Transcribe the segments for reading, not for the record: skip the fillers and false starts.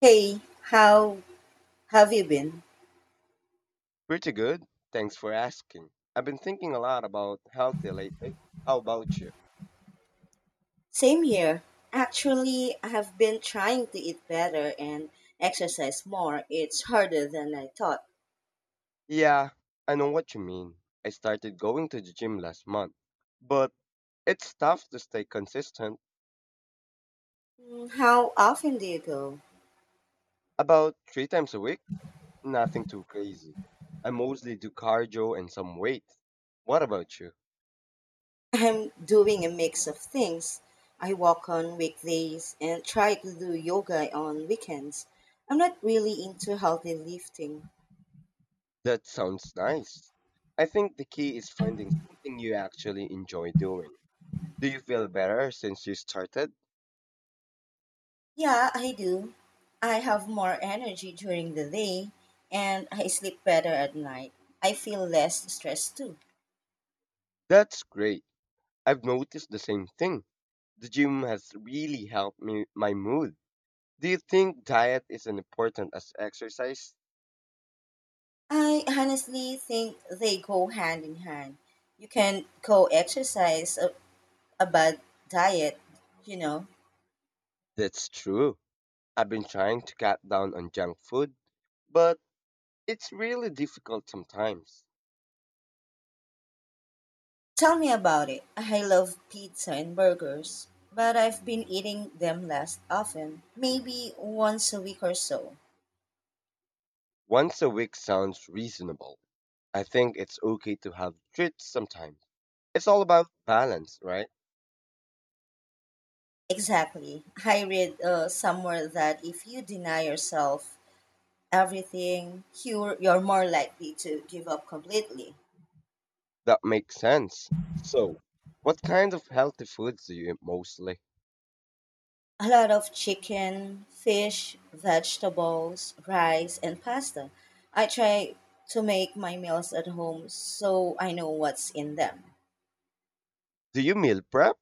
Hey, how have you been? Pretty good. Thanks for asking. I've been thinking a lot about healthy lately. How about you? Same here. Actually, I have been trying to eat better and exercise more. It's harder than I thought. Yeah, I know what you mean. I started going to the gym last month, but it's tough to stay consistent. How often do you go? About three times a week, nothing too crazy. I mostly do cardio and some weight. What about you? I'm doing a mix of things. I walk on weekdays and try to do yoga on weekends. I'm not really into healthy lifting. That sounds nice. I think the key is finding something you actually enjoy doing. Do you feel better since you started? Yeah, I do. I have more energy during the day and I sleep better at night. I feel less stressed too. That's great. I've noticed the same thing. The gym has really helped me my mood. Do you think diet is as important as exercise? I honestly think they go hand in hand. You can co exercise a bad diet, you know. That's true. I've been trying to cut down on junk food, but it's really difficult sometimes. Tell me about it. I love pizza and burgers, but I've been eating them less often, maybe once a week or so. Once a week sounds reasonable. I think it's okay to have treats sometimes. It's all about balance, right? Exactly. I read somewhere that if you deny yourself everything, you're more likely to give up completely. That makes sense. So, what kind of healthy foods do you eat mostly? A lot of chicken, fish, vegetables, rice, and pasta. I try to make my meals at home so I know what's in them. Do you meal prep?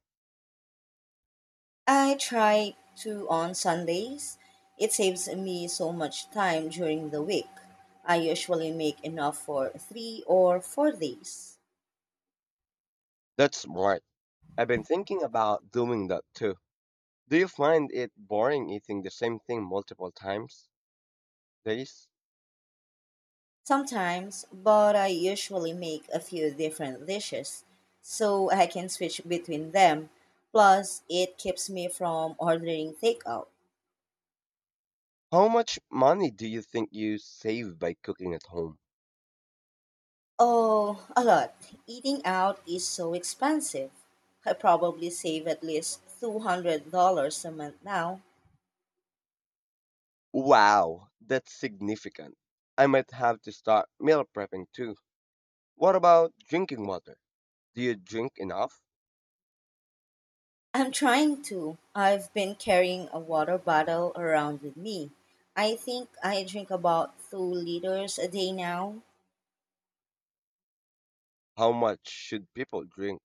I try to on Sundays. It saves me so much time during the week. I usually make enough for 3 or 4 days. That's smart. I've been thinking about doing that too. Do you find it boring eating the same thing multiple times? Days? Sometimes, but I usually make a few different dishes so I can switch between them. Plus, it keeps me from ordering takeout. How much money do you think you save by cooking at home? Oh, a lot. Eating out is so expensive. I probably save at least $200 a month now. Wow, that's significant. I might have to start meal prepping too. What about drinking water? Do you drink enough? I'm trying to. I've been carrying a water bottle around with me. I think I drink about 2 liters a day now. How much should people drink?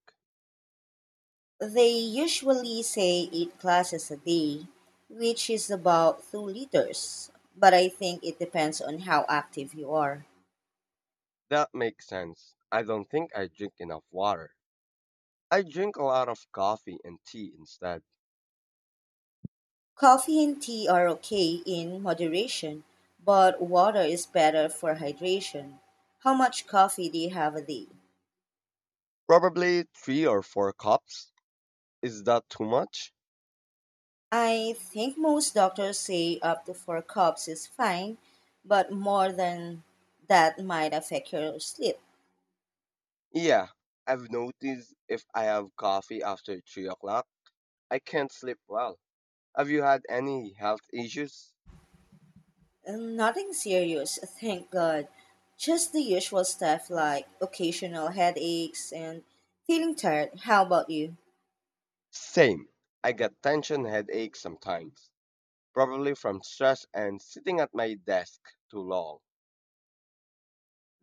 They usually say 8 classes a day, which is about 2 liters, but I think it depends on how active you are. That makes sense. I don't think I drink enough water. I drink a lot of coffee and tea instead. Coffee and tea are okay in moderation, but water is better for hydration. How much coffee do you have a day? Probably three or four cups. Is that too much? I think most doctors say up to 4 cups is fine, but more than that might affect your sleep. Yeah, I've noticed if I have coffee after 3 o'clock, I can't sleep well. Have you had any health issues? Nothing serious, thank God. Just the usual stuff like occasional headaches and feeling tired. How about you? Same. I get tension headaches sometimes, probably from stress and sitting at my desk too long.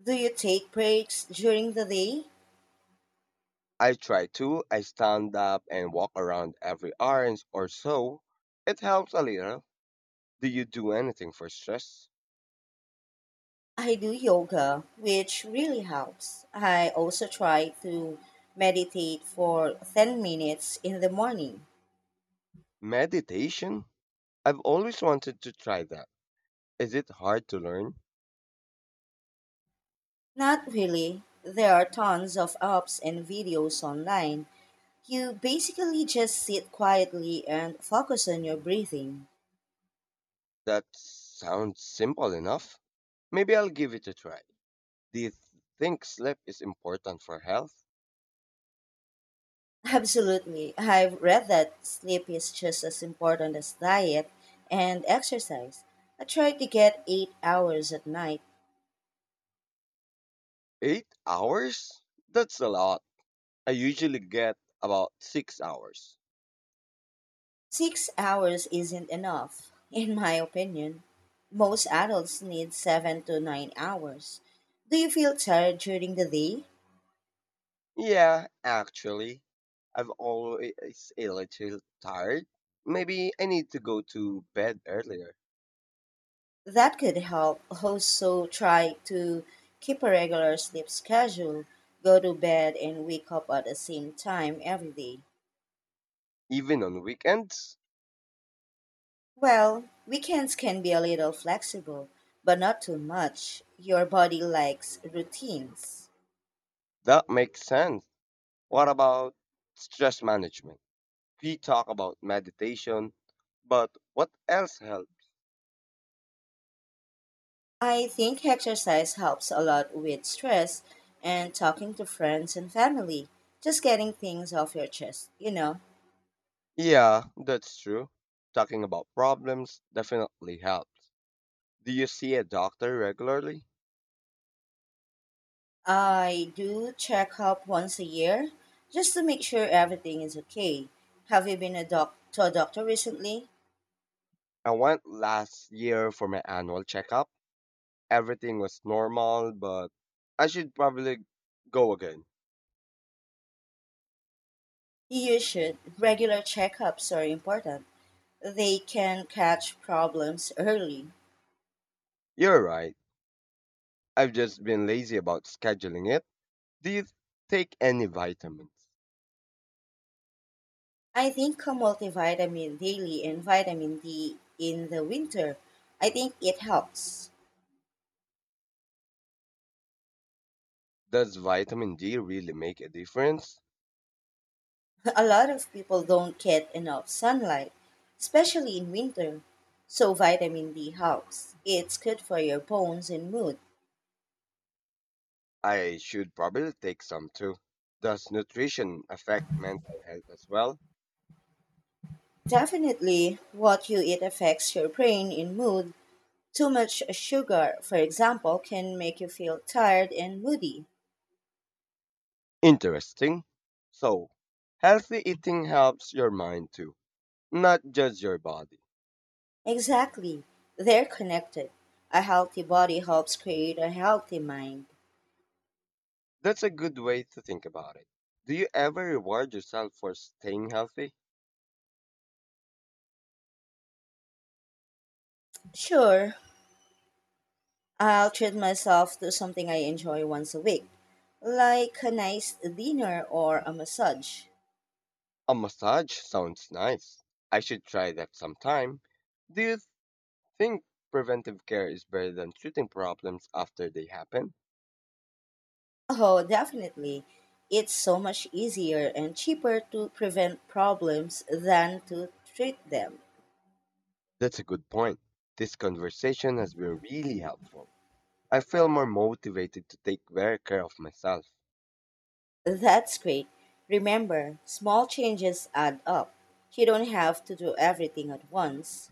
Do you take breaks during the day? I try to, I stand up and walk around every hour or so. It helps a little. Do you do anything for stress? I do yoga, which really helps. I also try to meditate for 10 minutes in the morning. Meditation? I've always wanted to try that. Is it hard to learn? Not really. There are tons of apps and videos online. You basically just sit quietly and focus on your breathing. That sounds simple enough. Maybe I'll give it a try. Do you think sleep is important for health? Absolutely. I've read that sleep is just as important as diet and exercise. I try to get 8 hours at night. 8 hours? That's a lot. I usually get about 6 hours. 6 hours isn't enough, in my opinion. Most adults need 7 to 9 hours. Do you feel tired during the day? Yeah, actually, I've always a little tired. Maybe I need to go to bed earlier, That could help. Also, try to keep a regular sleep schedule, go to bed and wake up at the same time every day. even on weekends. Well, weekends can be a little flexible, but not too much. Your body likes routines. That makes sense. What about stress management? We talk about meditation, but what else helps? I think exercise helps a lot with stress and talking to friends and family, just getting things off your chest. Yeah, that's true. Talking about problems definitely helps. Do you see a doctor regularly? I do check up once a year just to make sure everything is okay. Have you been to a doctor recently? I went last year for my annual checkup. Everything was normal, but I should probably go again. You should. Regular checkups are important. They can catch problems early. You're right. I've just been lazy about scheduling it. Do you take any vitamins? I think a multivitamin daily and vitamin D in the winter, I think it helps. Does vitamin D really make a difference? A lot of people don't get enough sunlight, especially in winter. So vitamin D helps. It's good for your bones and mood. I should probably take some too. Does nutrition affect mental health as well? Definitely, what you eat affects your brain and mood. Too much sugar, for example, can make you feel tired and moody. Interesting. So, healthy eating helps your mind too, not just your body. Exactly. They're connected. A healthy body helps create a healthy mind. That's a good way to think about it. Do you ever reward yourself for staying healthy? Sure, I'll treat myself to something I enjoy once a week, like a nice dinner or a massage. A massage sounds nice. I should try that sometime. Do you think preventive care is better than treating problems after they happen? Oh, definitely. It's so much easier and cheaper to prevent problems than to treat them. That's a good point. This conversation has been really helpful. I feel more motivated to take better care of myself. That's great. Remember, small changes add up. You don't have to do everything at once.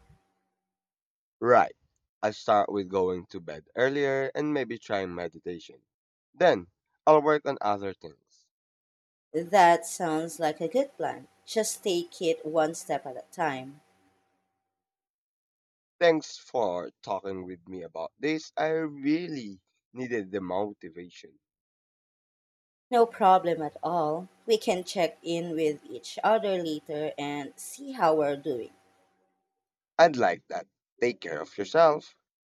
Right. I start with going to bed earlier and maybe trying meditation. Then I'll work on other things. That sounds like a good plan. Just take it one step at a time. Thanks for talking with me about this. I really needed the motivation. No problem at all. We can check in with each other later and see how we're doing. I'd like that. Take care of yourself.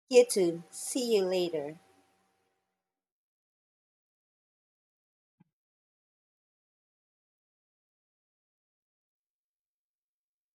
You too. See you later.